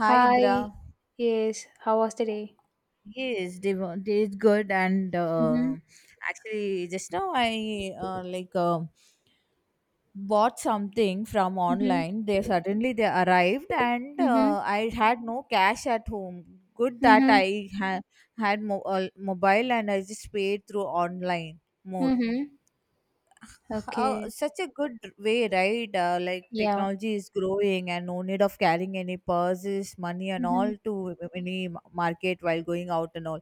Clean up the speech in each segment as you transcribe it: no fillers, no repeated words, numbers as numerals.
Hi, Indra. Hi. Yes. How was the day? Yes, they is good, and Mhm, actually just now I like bought something from mhm, online. They arrived, and mhm, I had no cash at home. Good that mhm, I had mobile, and I just paid through online mode. mhm. Okay. Such a good way, right? Like Yeah. technology is growing, and no need of carrying any purses, money, and Mhm, all to any market while going out and all.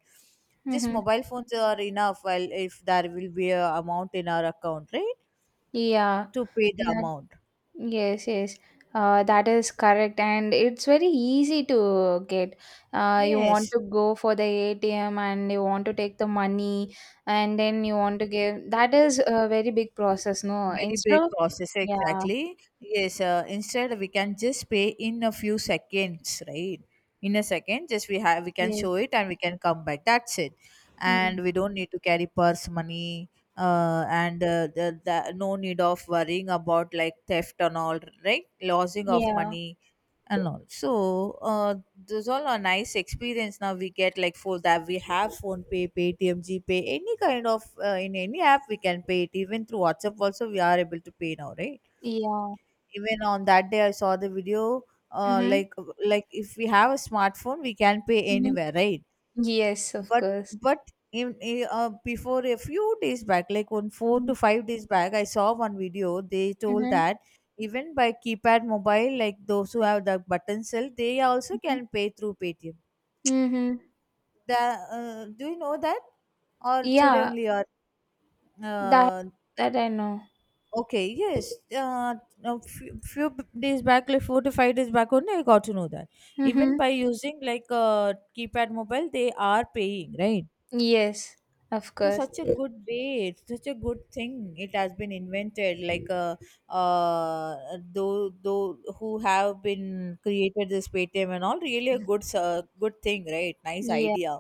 Just mhm. mobile phones are enough. While if there will be a amount in our account, right, Yeah. to pay the That, amount. yes, yes. That is correct, and it's very easy to get. You want Yes, to go for the ATM, and you want to take the money, and then you want to give. That is a very big process, no? very Instead big of process, yeah, exactly. Yes, instead we can just pay in a few seconds, right? In a second, just we can yes, show it and we can come back. That's it, mm. and we don't need to carry purse money. And the no need of worrying about, like, theft and all, right, losing of Yeah, money and all. So those all are nice experience. Now we get like for that we have phone pay, Paytm, GPay, any kind of in any app we can pay it. Even through WhatsApp also we are able to pay now, right? yeah. Even on that day I saw the video. Uh, Mhm, like like if we have a smartphone we can pay mhm. anywhere, right? Yes, of but course. but before a few days back, like on four to Mm. five days back, I saw one video. They told Mhm, that even by keypad mobile, like those who have the button cell, they also mhm, can pay through Paytm. mhm. Do you know that, or today Yeah, only? Or that uh, that I know. okay. Yes, a few days back, like 4 to 5 days back only, I got to know that even Mhm. by using like a keypad mobile, they are paying, right? Yes, of So course. such a good way, it's such a good thing. It has been invented, like, uh, though who have been created this Paytm and all. Really a good thing, right? Nice Yeah. idea,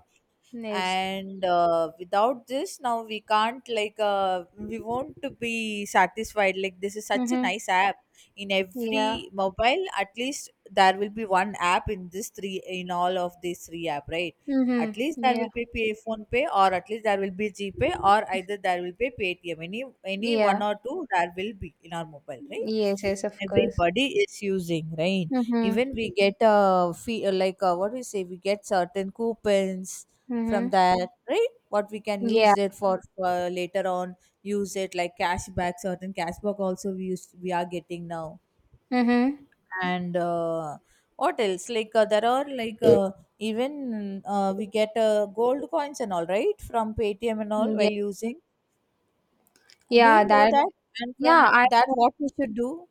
Yes. and without this now we can't, like, we won't to be satisfied, like this is such a Mhm. nice app. In Yeah. every mobile, at least there will be one app in this three, in all of these three app, right? At Mhm. least there Yeah. will be pay phone pay, or at least there will be gpay, or either there will be paytm. Any one Yeah. or two there will be in our mobile, Yes. right? Yes. Of course. Everybody is using, right? Mhm. Even we get a fee, like, what we say, we get certain coupons from Mhm. that, right, what we can Yeah. use it for later on. Use it like cashback. Certain cashback also we use, we are getting now. Mhm. And what else, like, there are, like, even we get gold coins and all, right, from Paytm and all Yeah. while using. Do Yeah. you know That. that? And Yeah. from I. that, what we should do?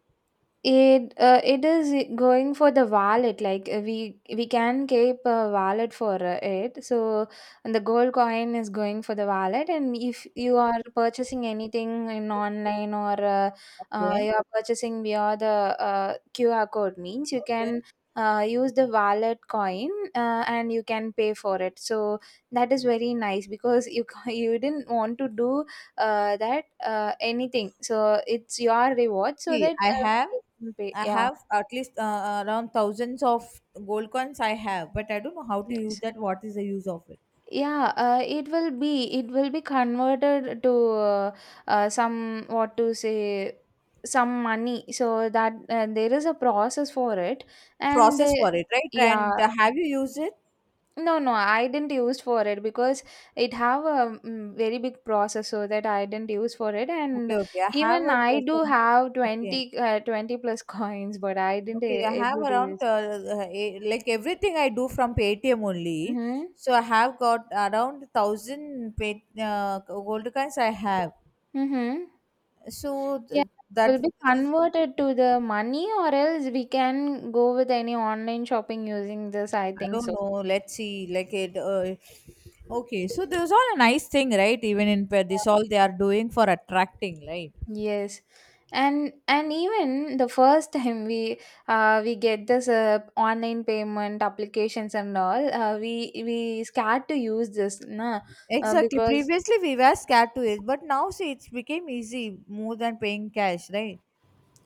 It is going for the wallet. Like, we can keep a wallet for it. So, and the gold coin is going for the wallet. And if you are purchasing anything in online or Okay, you are purchasing via the QR code means you okay. can use the wallet coin, and you can pay for it. So that is very nice because you didn't want to do that, anything. So it's your reward. So See, that. I have, Will be, I yeah. have at least, around thousands of gold coins. I have, but I don't know how to use Yes. that. What is the use of it? Yeah, it will be converted to uh, some, what to say, some money, so that there is a process for it, and Process they, for it, right? yeah, And have you used it? no, I didn't use for it because it have a very big process, so that I didn't use for it. And Okay, okay. I have even a, I do something. have Okay, 20, 20 plus coins, but I didn't okay. I a- have able to around use. Like everything I do from Paytm only. Mhm. So I have got around thousand gold coins. I have. Mhm. So Yeah, will that be is, converted to the money, or else we can go with any online shopping using this, I I think don't so. know. Let's see. Like it. Okay, so this is all a nice thing, right? Even in this, all they are doing for attracting, right? Yes. And even the first time we get this online payment applications and all, we scared to use this, na. Exactly. Because, Previously, we were scared to it, but now see, it's became easy more than paying cash, right?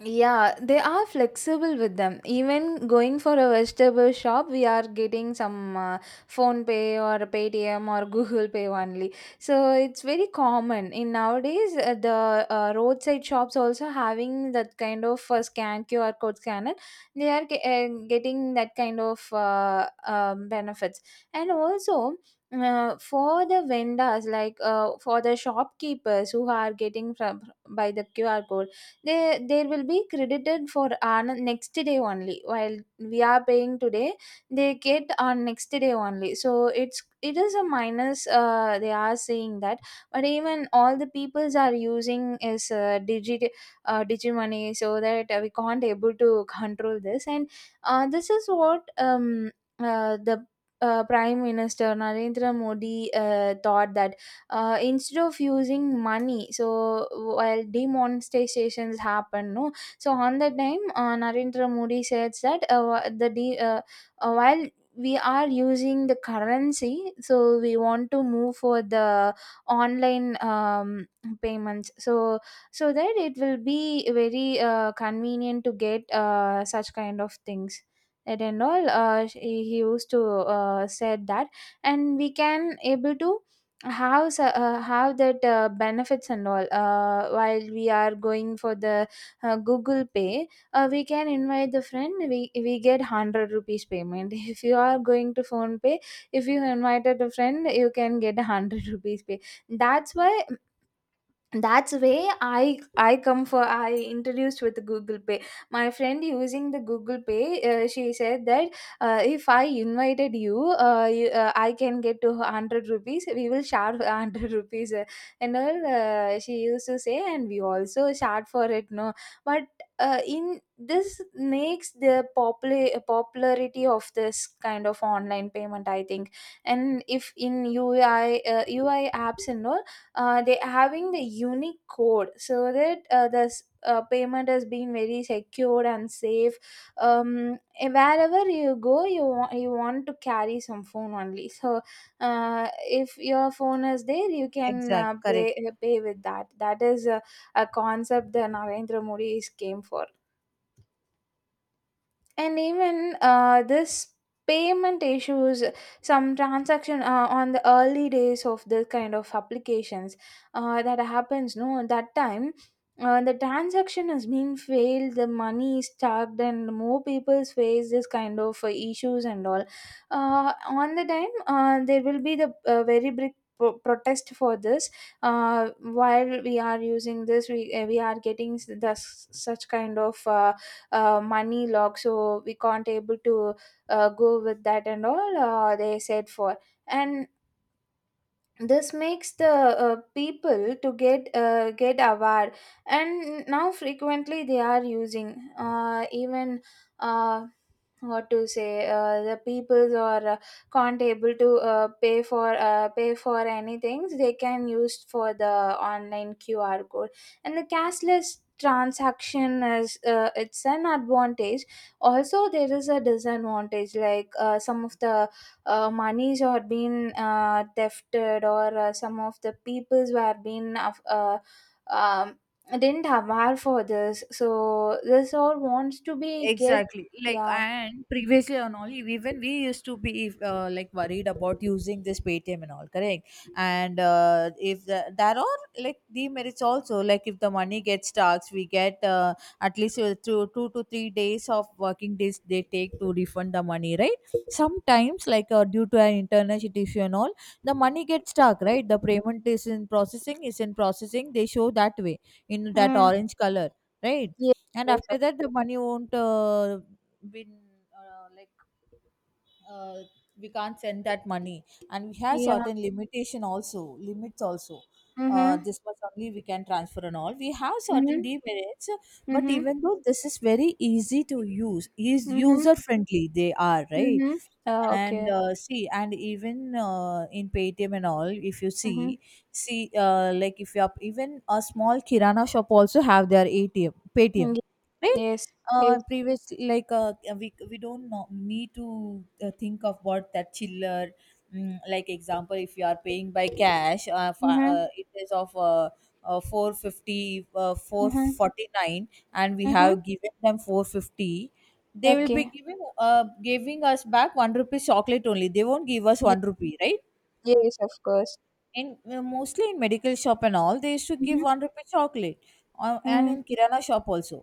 yeah, they are flexible with them. Even going for a vegetable shop, we are getting some Phone Pay or Paytm or Google Pay only. So it's very common in nowadays. The roadside shops also having that kind of scan QR code scanner. They are getting that kind of benefits, and also. For the vendors, like for the shopkeepers who are getting from by the qr code, they will be credited for on next day only, while we are paying today, they get on next day only. So it is a minus, they are saying that. But even all the peoples are using is, digit, digimony, so that we can't able to control this. And this is what, the Prime Minister Narendra Modi thought that, instead of using money. So while demonstrations happen, no, so on the time, Narendra Modi says that, while we are using the currency, so we want to move for the online, payments, so that it will be very convenient to get such kind of things, and all, he used to, said that, and we can able to, how that benefits and all, while we are going for the Google Pay, we can invite the friend, we get 100 rupees payment if you are going to Phone Pay, if you invited a friend, you can get 100 rupees pay. That's why, that's way I come for, I introduced with the Google Pay. My friend using the Google Pay, she said that, if I invited you, you, I can get to 100 rupees, we will share 100 rupees, and all, she used to say, and we also shared for it, no. But, in this makes the popularity of this kind of online payment, I think. And if in UI apps and all, they having the unique code, so that, payment has been very secure and safe. And wherever you go, you want to carry some phone only. So, if your phone is there, you can, Exact. Correct. Pay with that. That is a concept that Narendra Modi is came for. And even this payment issues, some transaction on the early days of this kind of applications, that happens, no, at that time, the transaction is being failed, the money is stuck, and more people face this kind of issues and all. On the time, there will be the very big protest for this, while we are using this, we are getting, s- thus such kind of, money lock, so we can't able to go with that and all, they said for. And this makes the people to get, aware, and now frequently they are using, even uh, what to say, the peoples or, can't able to, pay for anything, they can use for the online qr code. And the cashless transaction is, it's an advantage. Also there is a disadvantage, like, some of the monies are being thefted, or some of the peoples were being, um, didn't have war for this, so this all wants to be get. Exactly. Like, Yeah. and previously on all, even we used to be like worried about using this Paytm and all, correct? And if there are like demerits also, like if the money gets stuck, we get at least two to three days of working days they take to refund the money, right? Sometimes, like, due to an internal issue and all, the money gets stuck, right? The payment is in processing, is in processing. They show that way in that Mm. orange color, right, Yes, and yes, of after that the course. money won't, been, like, uh, we can't send that money, and we have Yeah. certain limitation also, limits also, Mm-hmm. this much only we can transfer and all. We have certain Mm-hmm. demerits, but Mm-hmm. even though this is very easy to use, is Mm-hmm. user friendly, they are, right? Mm-hmm. Oh, And okay. See, and even in Paytm and all, if you Mm-hmm. see, like if you are even a small Kirana shop also have their ATM, Ye- Paytm, right? yes. Yes. Previous, like, we don't know, need to think of what that chiller. Mm, like example, if you are paying by cash, Mm-hmm. It is of 450, Mm-hmm. 449, and we Mm-hmm. have given them 450. They will be Okay. Giving us back one rupee chocolate only, they won't give us Ye- one rupee, right? yes, of course. in Mostly in medical shop and all, they used to give Mm-hmm. one rupee chocolate, and Mm. in kirana shop also.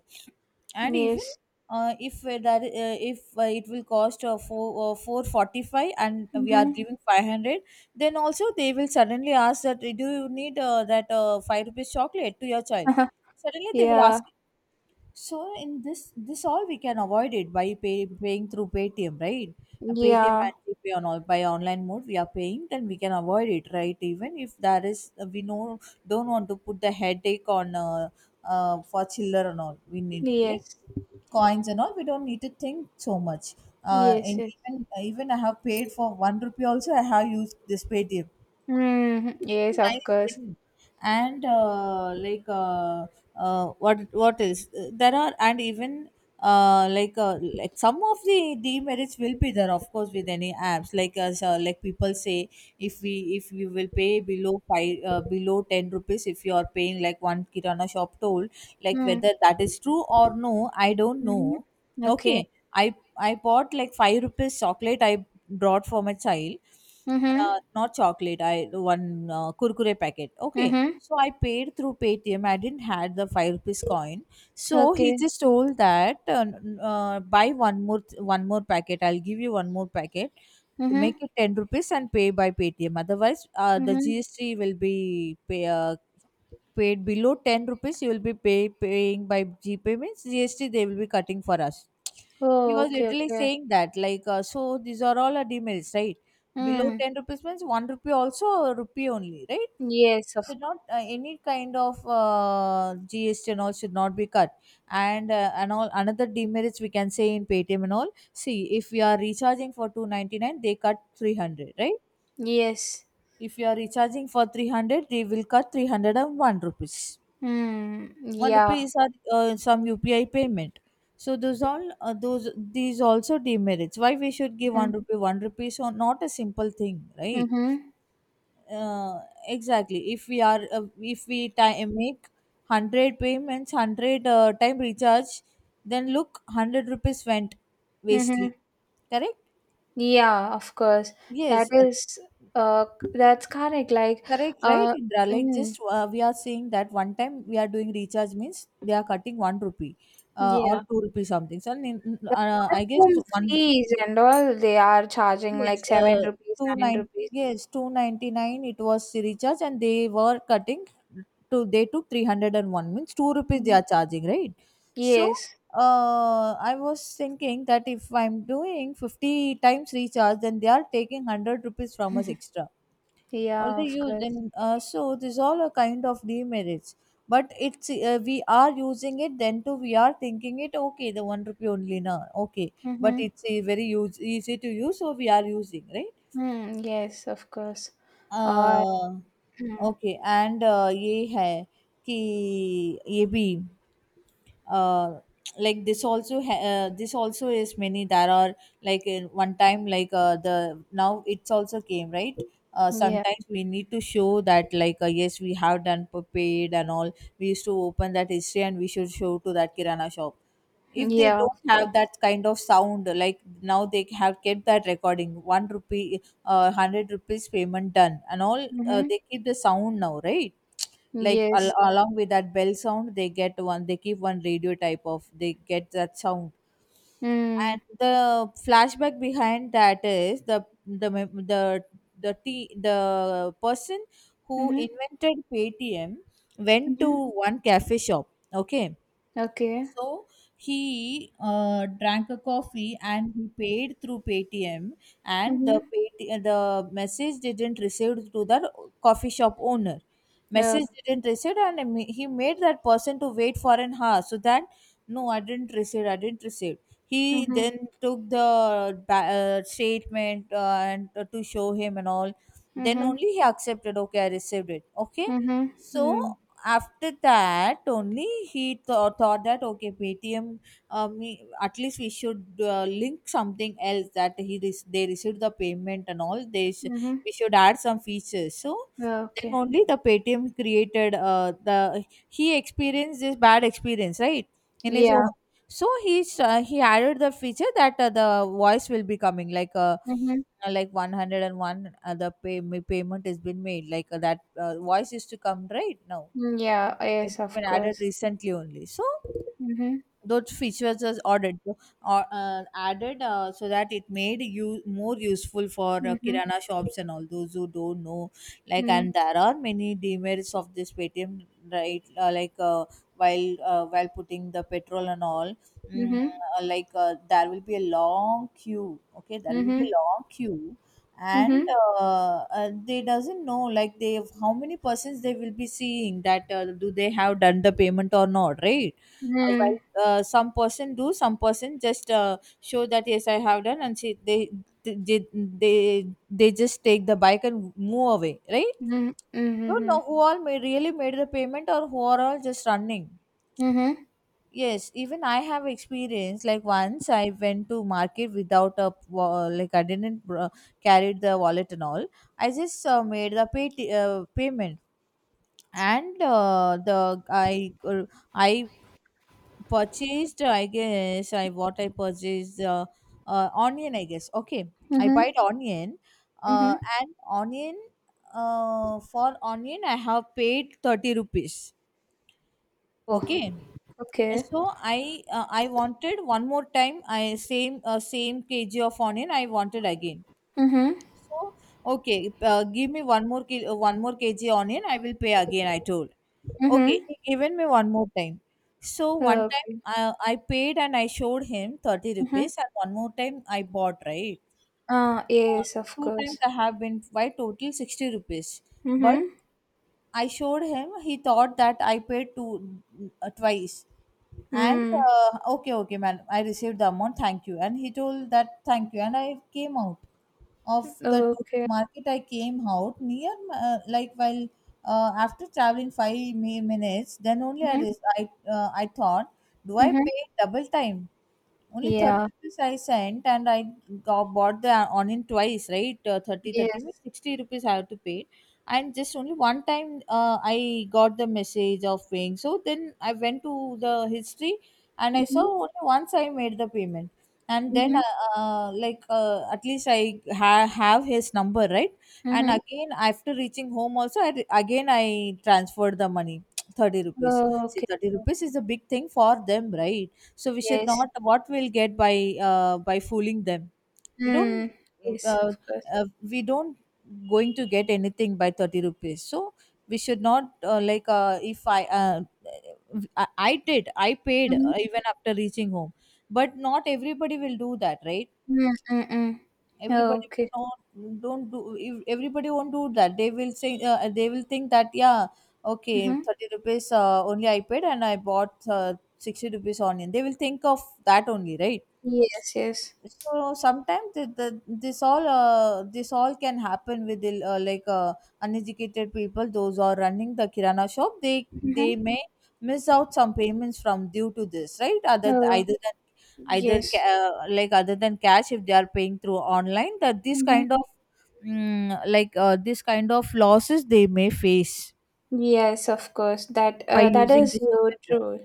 And even Yes. If that, if it will cost 4 445 and we are Mm-hmm. giving 500, then also they will suddenly ask that, do you need that 5 rupees chocolate to your child? Suddenly they will Yeah. ask. So in this all we can avoid it by paying through Paytm, right? Paytm Yeah. and GPay on all by online mode we are paying, then we can avoid it, right? Even if there is, we know, don't want to put the headache on, for chiller and all. We need like Yes. coins and all. We don't need to think so much. Uh, Yes, and yes. even even I have paid for 1 rupee also. I have used this Paytm. Mhm. Yes, of Nice course. thing. And like, what else? There are and even like, like some of the demerits will be there, of course, with any apps, like as like people say, if we will pay below five, below 10 rupees, if you are paying like one kirana shop toll, like Mm. whether that is true or no, I don't know. Mhm. Okay. Okay, i I bought like 5 rupees chocolate, I brought for my child. Mhm. Not chocolate. I one Kurkure packet. Okay. Mhm. So I paid through Paytm. I didn't had the 5 rupees coin. So he Okay. just told that, buy one more packet. I'll give you one more packet. Make Mhm. it 10 rupees and pay by Paytm. Otherwise, the Mhm. GST will be paid below 10 rupees. You will be paying by GPay means GST. They will be cutting for us. He Oh, was okay, literally okay. saying that, like, so these are all our demerits, right? Below Mm. 10 rupees means 1 rupee also, or rupee only, right? Yes, of Should not, any kind of GST and all should not be cut. And And all another demerits we can say in Paytm and all. See, if we are recharging for 299, they cut 300, right? yes. If you are recharging for 300, they will cut three hundred and one rupees Mm. one Yeah. rupees or some UPI payment. So those all, those these also demerits. Why we should give one Mhm. rupee one rupee? So not a simple thing, right? Mhm. Uh, exactly. If we time make 100 payments, hundred time recharge, then look, 100 rupees went Mhm. wastely. Correct? Yeah, of course. That Yes. is, uh that's correct. Like, Correct, right, uh Indra? Like mm, just we are seeing that one time we are doing recharge means they are cutting 1 rupee, or yeah. 2 rupees something. So The I guess it's platform one. fees and all they are charging, Yes, like, 7 rupees, two nine nine, rupees. yes, 299 it was the recharge, and they were cutting to they took 301 means 2 rupees they Mm-hmm. are charging, right. So Yes. I was thinking that if I'm doing 50 times recharge, then they are taking 100 rupees from us extra, or Yeah, they of use course. then so these all are kind of demerits. But it's we are using it, then too we are thinking it okay, the one rupee only now, okay. But Mm-hmm. it's a very use, easy to use, so we are using, right? Mm, yes, of course. Uh, uh, mm, okay, and ये है कि ये भी, uh, like this also this also is many, there are like in one time, like the now it's also came, right? Yeah. Sometimes we need to show that, like yes, we have done paid and all. We used to open that history and we should show to that kirana shop. If they Yeah, don't of course. have that kind of sound, like now they have kept that recording, one rupee 100 rupees payment done and all, Mm-hmm. they keep the sound now, right? Like Yes. along with that bell sound, they get one. They keep one radio type of. They get that sound. Mm. And the flashback behind that is the mem- the t- the person who Mm-hmm. invented Paytm went to Mm-hmm. one cafe shop. Okay, Okay. so he drank a coffee and he paid through Paytm, and Mm-hmm. The message didn't receive to the coffee shop owner. Uh, Message didn't receive, and he made that person to wait for an hour, so that no, I didn't receive, I didn't receive. He mm-hmm. then took the statement and to show him and all. Then Mm-hmm. only he accepted. Okay, I received it. Okay, Mm-hmm. so Mm. after that only he thought that okay, Paytm, at least we should link something else, that they received the payment and all Mm-hmm. we should add some features. So then Okay. only the Paytm created, the he experienced this bad experience, right, in his own. Yeah. So he added the feature that the voice will be coming, Mm-hmm. Like 101, payment has been made, like that voice is to come right now. Yeah, It's yes, of been added course. recently only. So Mm-hmm. those features was added, so, or added, so that it made you more useful for Mm-hmm. kirana shops and all those who don't know. Like, Mm. and there are many demerits of this Paytm, right? Like while putting the petrol and all. mm, Mm-hmm. Like there will be a long queue, okay, there will be Mm-hmm. a long queue. And Mm-hmm. They doesn't know, like they, how many persons they will be seeing that do they have done the payment or not, right? Mm. uh, some person do, some person just show that yes, I have done, and see they they they just take the bike and move away, right? Mm-hmm. Don't Mm-hmm. know who all may really made the payment, or who are all just running. Mm-hmm. Yes, even I have experience. Like once I went to market without a wa- like I didn't br- carried the wallet and all. I just made payment, and the I purchased, I guess. I, what I purchased, onion, I guess, okay. I Mm-hmm. bought onion, uh, Mm-hmm. and onion, for onion I have paid 30 rupees, Oh, okay. okay. So I wanted one more time, I, same same kg of onion I wanted again. Mm-hmm. So, okay, give me one more kg onion. I will pay again, I told. Okay, Mm-hmm. he given me one more time. So one time Okay. I paid and I showed him 30 Mm-hmm. rupees, and one more time I bought, right? Ah, Uh, yes, of Two times course. I have been by, total 60 rupees, but Mm-hmm. I showed him. He thought that I paid two twice. And Mm. Okay, okay, madam, I received the amount, thank you. And he told that thank you. And I came out of the total Okay. market. I came out near, like while after traveling minutes, then only Mm-hmm. I thought, do I Mm-hmm. pay double time? Only 30 Yeah. rupees I sent, and I got, bought the onion twice, right? 30, thirty means Yes. 60 rupees I have to pay. And just only one time, I got the message of paying. So then I went to the history, and I saw Mm-hmm. only once I made the payment. And then, Mm-hmm. At least I have his number, right? And Mm-hmm. again, after reaching home also, I, again, I transferred the money 30 rupees. See, Okay. 30 rupees is a big thing for them, right? So we should Yes. not, what we'll get by fooling them? we don't Mm. Yes, uh, of course. uh, we don't going to get anything by 30 rupees. So we should not, like if I paid Mm-hmm. Even after reaching home. But not everybody will do that, right? Mm-mm. Everybody Okay. will not don't do. If everybody won't do that, they will say, they will think that yeah, okay, Mm-hmm. 30 rupees, only I paid and I bought, 60 rupees onion, they will think of that only, right? Yes, yes. So sometimes this all, this all can happen with like uneducated people, those who are running the kirana shop, they Mm-hmm. they may miss out some payments from, due to this, right? Other, Oh, either than either ca- yes. Like other than cash, if they are paying through online, that this Mm-hmm. kind of, like this kind of losses they may face Yes, of course. By That using is this your online true.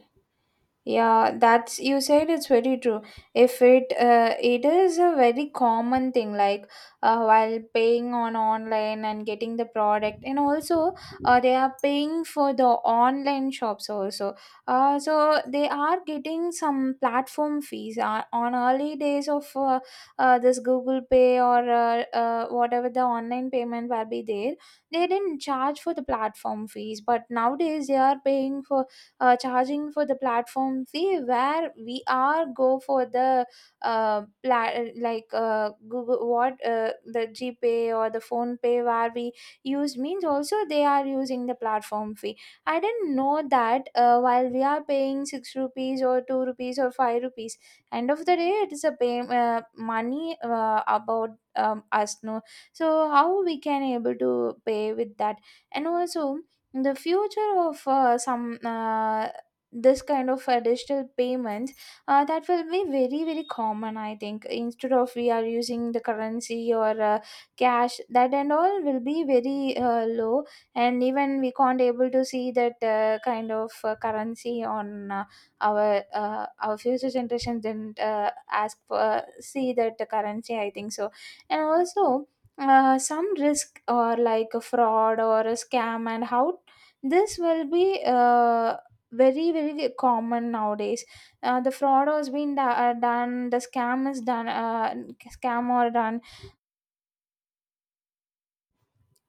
Yeah, that's you said it's very true. If it It is a very common thing, like, while paying on online and getting the product, and also, they are paying for the online shops also. So they are getting some platform fees, on early days of, this Google Pay, or, whatever the online payment will be there. They didn't charge for the platform fees, but nowadays they are paying for, charging for the platform fee, where we are go for the, uh, pla- like, Google, what the GPay or the Phone Pay where we use means also they are using the platform fee. I didn't know that, while we are paying 6 rupees or 2 rupees or 5 rupees, end of the day it is a, pay money, about, us, no. So how we can able to pay with that. And also the future of, some this kind of digital payments, that will be very very common, I think, instead of we are using the currency or, cash, that and all will be very low. And even we can't able to see that kind of currency on, our future generations didn't ask for, see that the currency, I think so. And also, some risk or like a fraud or a scam, and how this will be very very common nowadays. The fraud has been, done, the scam is done, scam or done.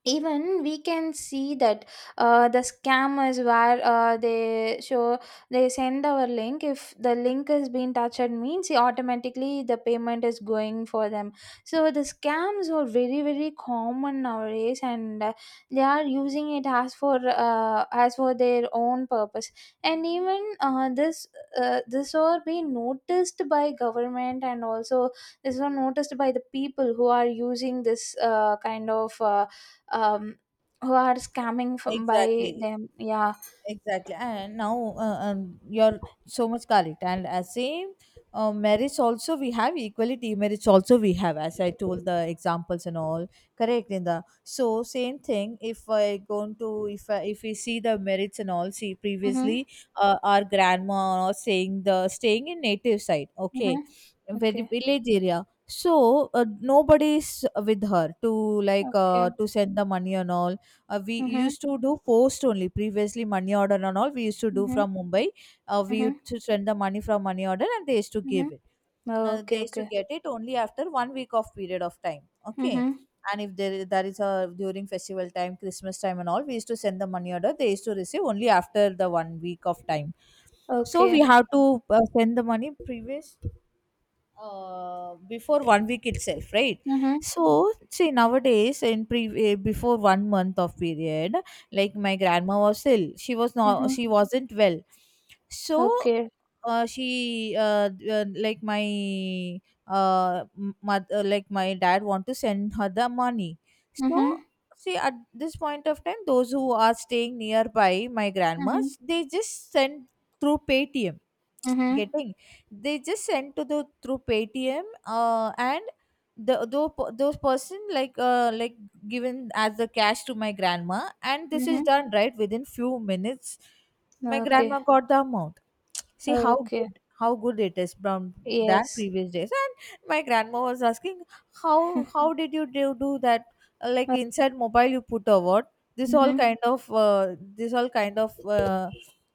Even we can see that, the scammers where, they show, they send our link. If the link has been touched means automatically the payment is going for them. So the scams are very very common nowadays, and they are using it as for, as for their own purpose. And even, this are being noticed by government, and also this are noticed by the people who are using this kind of, um, who are scamming mode. from by Exactly, them. Yeah. exactly, and now, you're so much correct, and as same, marriage also we have, equality marriage also we have, as I told the examples and all, correct in the, so same thing. If I go to, if we see the merits and all, see previously, Mhm. Our grandma was saying, the staying in native side, okay, Mhm. very Okay. village area. So nobody is with her to, like Okay. To send the money and all. We Mhm. used to do post only. Previously, money order and all we used to do Mhm. from Mumbai. We Mhm. used to send the money from money order, and they used to give Mhm. it. They Okay. used to Okay. get it only after one week of period of time, okay. Mhm. And if there, that is a during festival time, Christmas time, and all, we used to send the money order. They used to receive only after the one week of time. So we Okay. have to send the money previous, before one week itself, right? Mhm. So see, nowadays, before one month of period, like my grandma was ill, she was not, Mhm. she wasn't well. So Okay. She like mother, like my dad want to send her the money. So Mhm. see, at this point of time, those who are staying nearby my Mhm. grandma's, they just send through Paytm, Mhm. getting, they just send to the, through Paytm, and the those, those person, like given as the cash to my grandma, and this is Mhm. done right within few minutes. My Okay. grandma got the amount. See how Okay. good, how good it is from that Yes. previous days. And my grandma was asking how, do that. Like inside mobile you put a what, this all Mhm. kind of uh, this all kind of,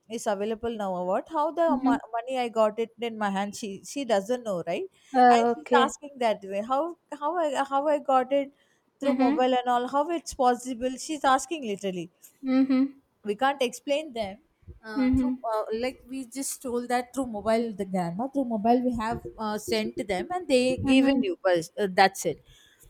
is available now or what, how the Mhm. money I got it in my hand? She doesn't know, right? And she's Okay. asking that way, how i how I got it through Mhm. mobile and all, how it's possible, she's asking literally. Mhm. We can't explain them, through, Mhm. Like we just told that through mobile, the grandma, through mobile we have sent to them, and they given Mhm. you, but that's it.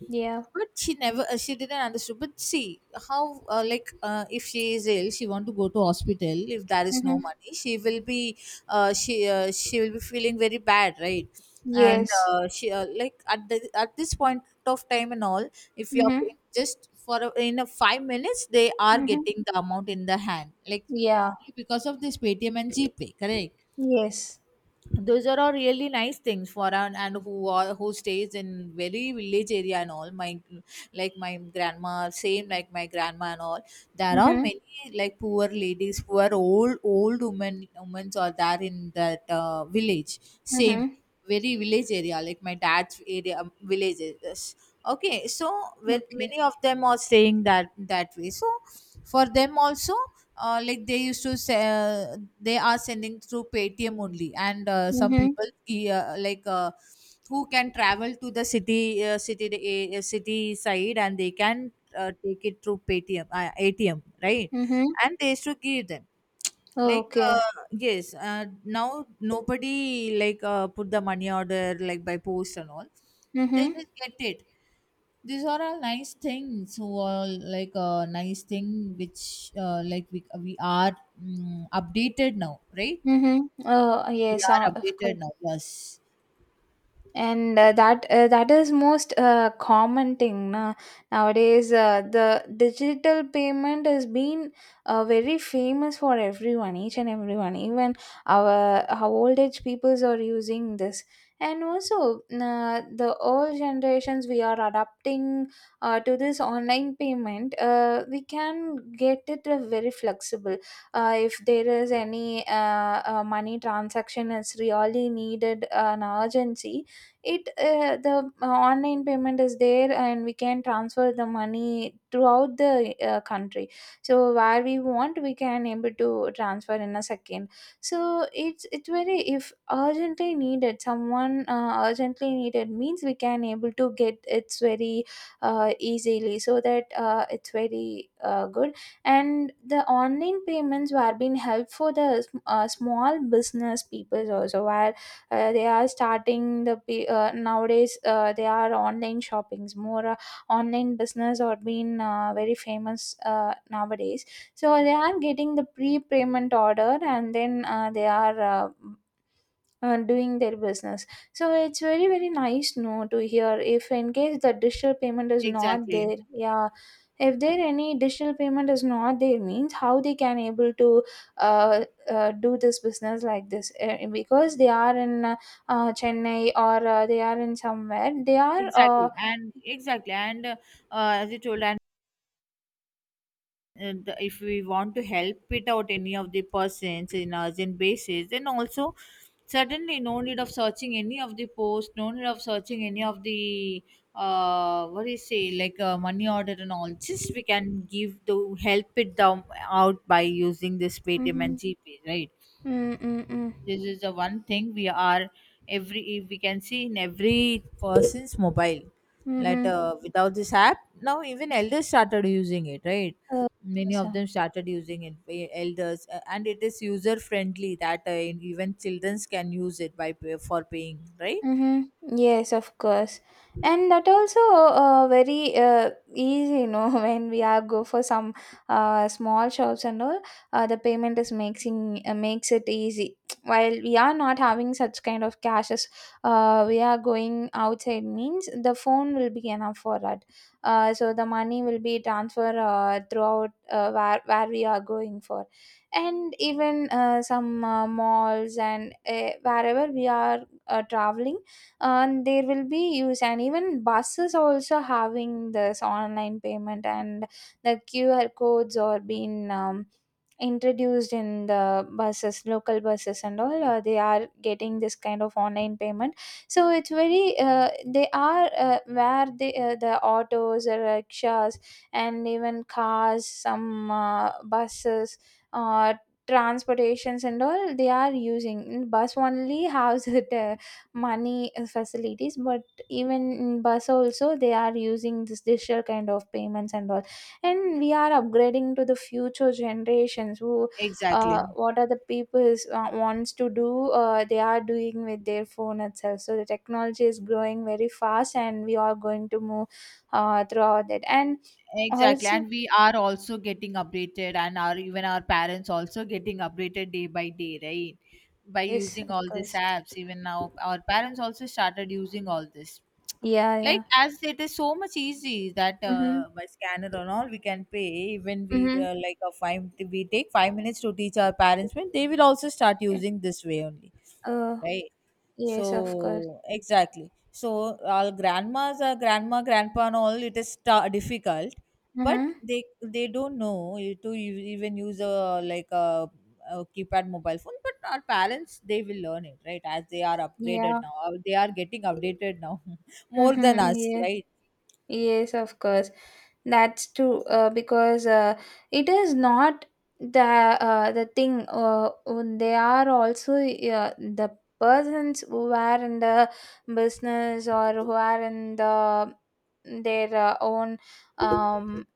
Yeah. But she never, she didn't understood. But see how, like if she is ill, she want to go to hospital, if there is no Mhm. money she will be, she will be feeling very bad, right? And Yes. She like at the, at this point of time and all, if you are Mhm. paying just for in a 5 minutes, they are Mhm. getting the amount in the hand, like, Yeah. only because of this Paytm and GPay, correct? Yes. Those are all really nice things for an, and who are, who stays in very village area and all. My, like my grandma, same like my grandma and all, there are Mhm. many like poor ladies, poor old old women women are there in that village, same Mhm. very village area, like my dad's area, villages, okay. So with Okay. many of them are staying that that way. So for them also, like they used to say they are sending through Paytm only, and some Mhm. people like who can travel to the city, city side, and they can take it through Paytm, ATM, right? Mhm. And they used to give them. Like, Okay. yes, now nobody like put the money order like by post and all, they Mhm. just get it. These are all nice things, who are like a nice thing which, like we are updated now, right? Mhm. Oh, We yes, are of updated course. now, yes. And that that is most common thing na. Nowadays the digital payment has been very famous for everyone, each and everyone. Even our old age peoples are using this, and also the old generations, we are adapting to this online payment. We can get it very flexible. If there is any money transaction is really needed, an urgency, it the online payment is there and we can transfer the money throughout the country. So where we want, we can able to transfer in a second. So it's very, if urgently needed someone, urgently needed means, we can able to get it's very easily, so that it's very good. And the online payments were being helpful for the small business people also, where they are starting the nowadays they are online shoppings more, online business are being very famous nowadays. So they are getting the pre-payment order and then they are uh, doing their business. So it's very very nice no to hear. If in case the digital payment is not Exactly, there, yeah, if there any digital payment is not there means, how they can able to do this business like this? Because they are in Chennai, or they are in somewhere, they are exactly. And exactly, and as you told, and the, if we want to help it out any of the persons in urgent basis, then also, certainly no need of searching any of the post, no need of searching any of The what do you say, like, money order and all, just we can give to help it down out by using this Paytm and mm-hmm. GP, right? Mm-hmm. This is the one thing we are, every we can see in every person's mobile. Like, Mm-hmm. Without this app now even elders started using it, right? Uh, Many of so them started using it, elders, and it is user friendly. That even children can use it by for paying, right? Mm-hmm. Yes, of course. And that also very easy, you know, when we are go for some small shops and all, the payment is making, makes it easy. While we are not having such kind of cashes, we are going outside means the phone will be enough for that. So the money will be transferred throughout, where we are going for, and even some malls, and wherever we are traveling, and there will be use. And even buses also having this online payment, and the QR codes are being introduced in the buses, local buses and all. They are getting this kind of online payment. So it's very, they are where the autos, rickshaws, and even cars, some buses, uh, transportations and all, they are using. Bus only has it money facilities, but even in bus also they are using this digital kind of payments and all. And we are upgrading to the future generations, who Exactly. what are the people's wants to do, they are doing with their phone itself. So the technology is growing very fast and we are going to move throughout that, and Exactly, also and we are also getting updated, and our, even our parents also getting updated day by day, right? By yes using of all these course. apps, even now our parents also started using all this. Yeah, Like yeah. as it is so much easy that, Mm-hmm. By scanner and all we can pay. Even we, Mm-hmm. Like a five, we take 5 minutes to teach our parents, when they will also start Yeah. using this way only, uh right? yes, of course. So exactly. So our grandmas, our grandma, grandpa, and all, it is difficult, but Mm-hmm. they don't know you to even use a, like a keypad mobile phone. But our parents, they will learn it, right? As they are upgraded Yeah. now, uh, they are getting updated now, more than Mm-hmm. us, Yes. right? Yes, of course. That's true, because it is not the the thing. When they are also the persons who are in the business, or who are in the their own um,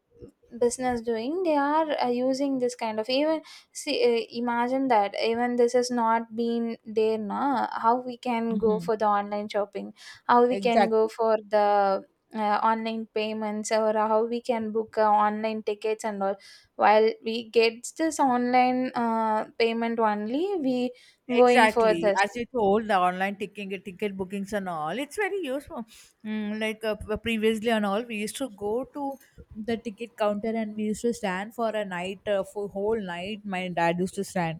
business doing, they are using this kind of. Even see, imagine that even this has not been there, na, how we can go Mm-hmm. for the online shopping? How we can go Exactly. for the online payments, or how we can book online tickets and all? While we get this online payment only we going for Exactly, this. as you told, the online ticket bookings and all, it's very useful. Mm, like, previously and all, we used to go to the ticket counter and we used to stand for a night, for whole night. My dad used to stand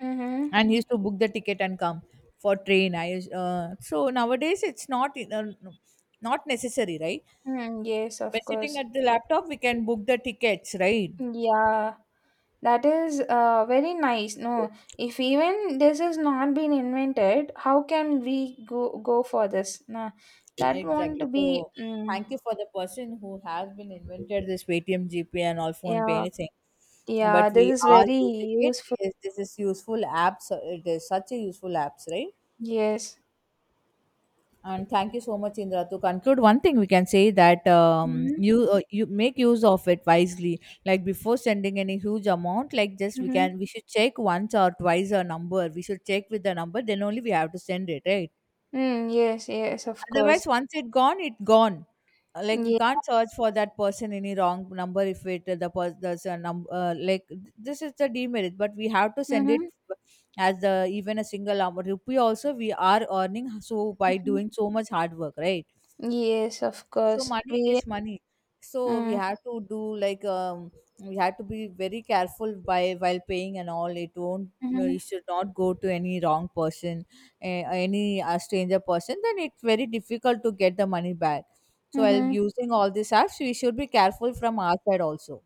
Mm-hmm. and he used to book the ticket and come for train. So nowadays it's not necessary, right? Mm, yes By of sitting course. at the laptop, we can book the tickets, right? Yeah, that is very nice no. If even this has not been invented, how can we go for this, nah? That Exactly. won't be, So mm, thank you for the person who has been invented this Paytm, GP and all, phone pay, yeah, anything. But yeah, this we is are very using it. useful. Yes, this is useful apps. So it is such a useful apps, right? Yes. And thank you so much, Indra. To conclude, one thing we can say that, Mm-hmm. you, you make use of it wisely. Like before sending any huge amount, like, just we Mm-hmm. can we should check once or twice a number. We should check with the number, then only we have to send it, right? Mm, yes, yes, of course. Otherwise, once it gone, it gone. Like we Yeah. can't search for that person, any wrong number. If it, the person, there's a number, like, this is the demerit, but we have to send it. Mm-hmm, As the even a single, rupee also we are earning, so by mm-hmm. doing so much hard work, right? Yes, of So course. money is We. money. So we Mm, have to do like, we have to be very careful by while paying and all. It won't, no, you mm-hmm, should not go to any wrong person, any, stranger person, then it's very difficult to get the money back. So while mm-hmm. using all these apps, we should be careful from our side also.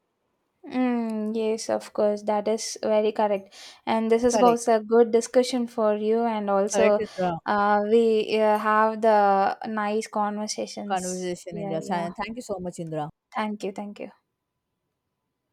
Mm, yes, of course. That is very correct. And this is Correct. also a good discussion for you, and Correct, also, Indra. we have the nice conversations. Conversation, Yeah, Indra. yeah. Thank you so much, Indra. Thank you, thank you.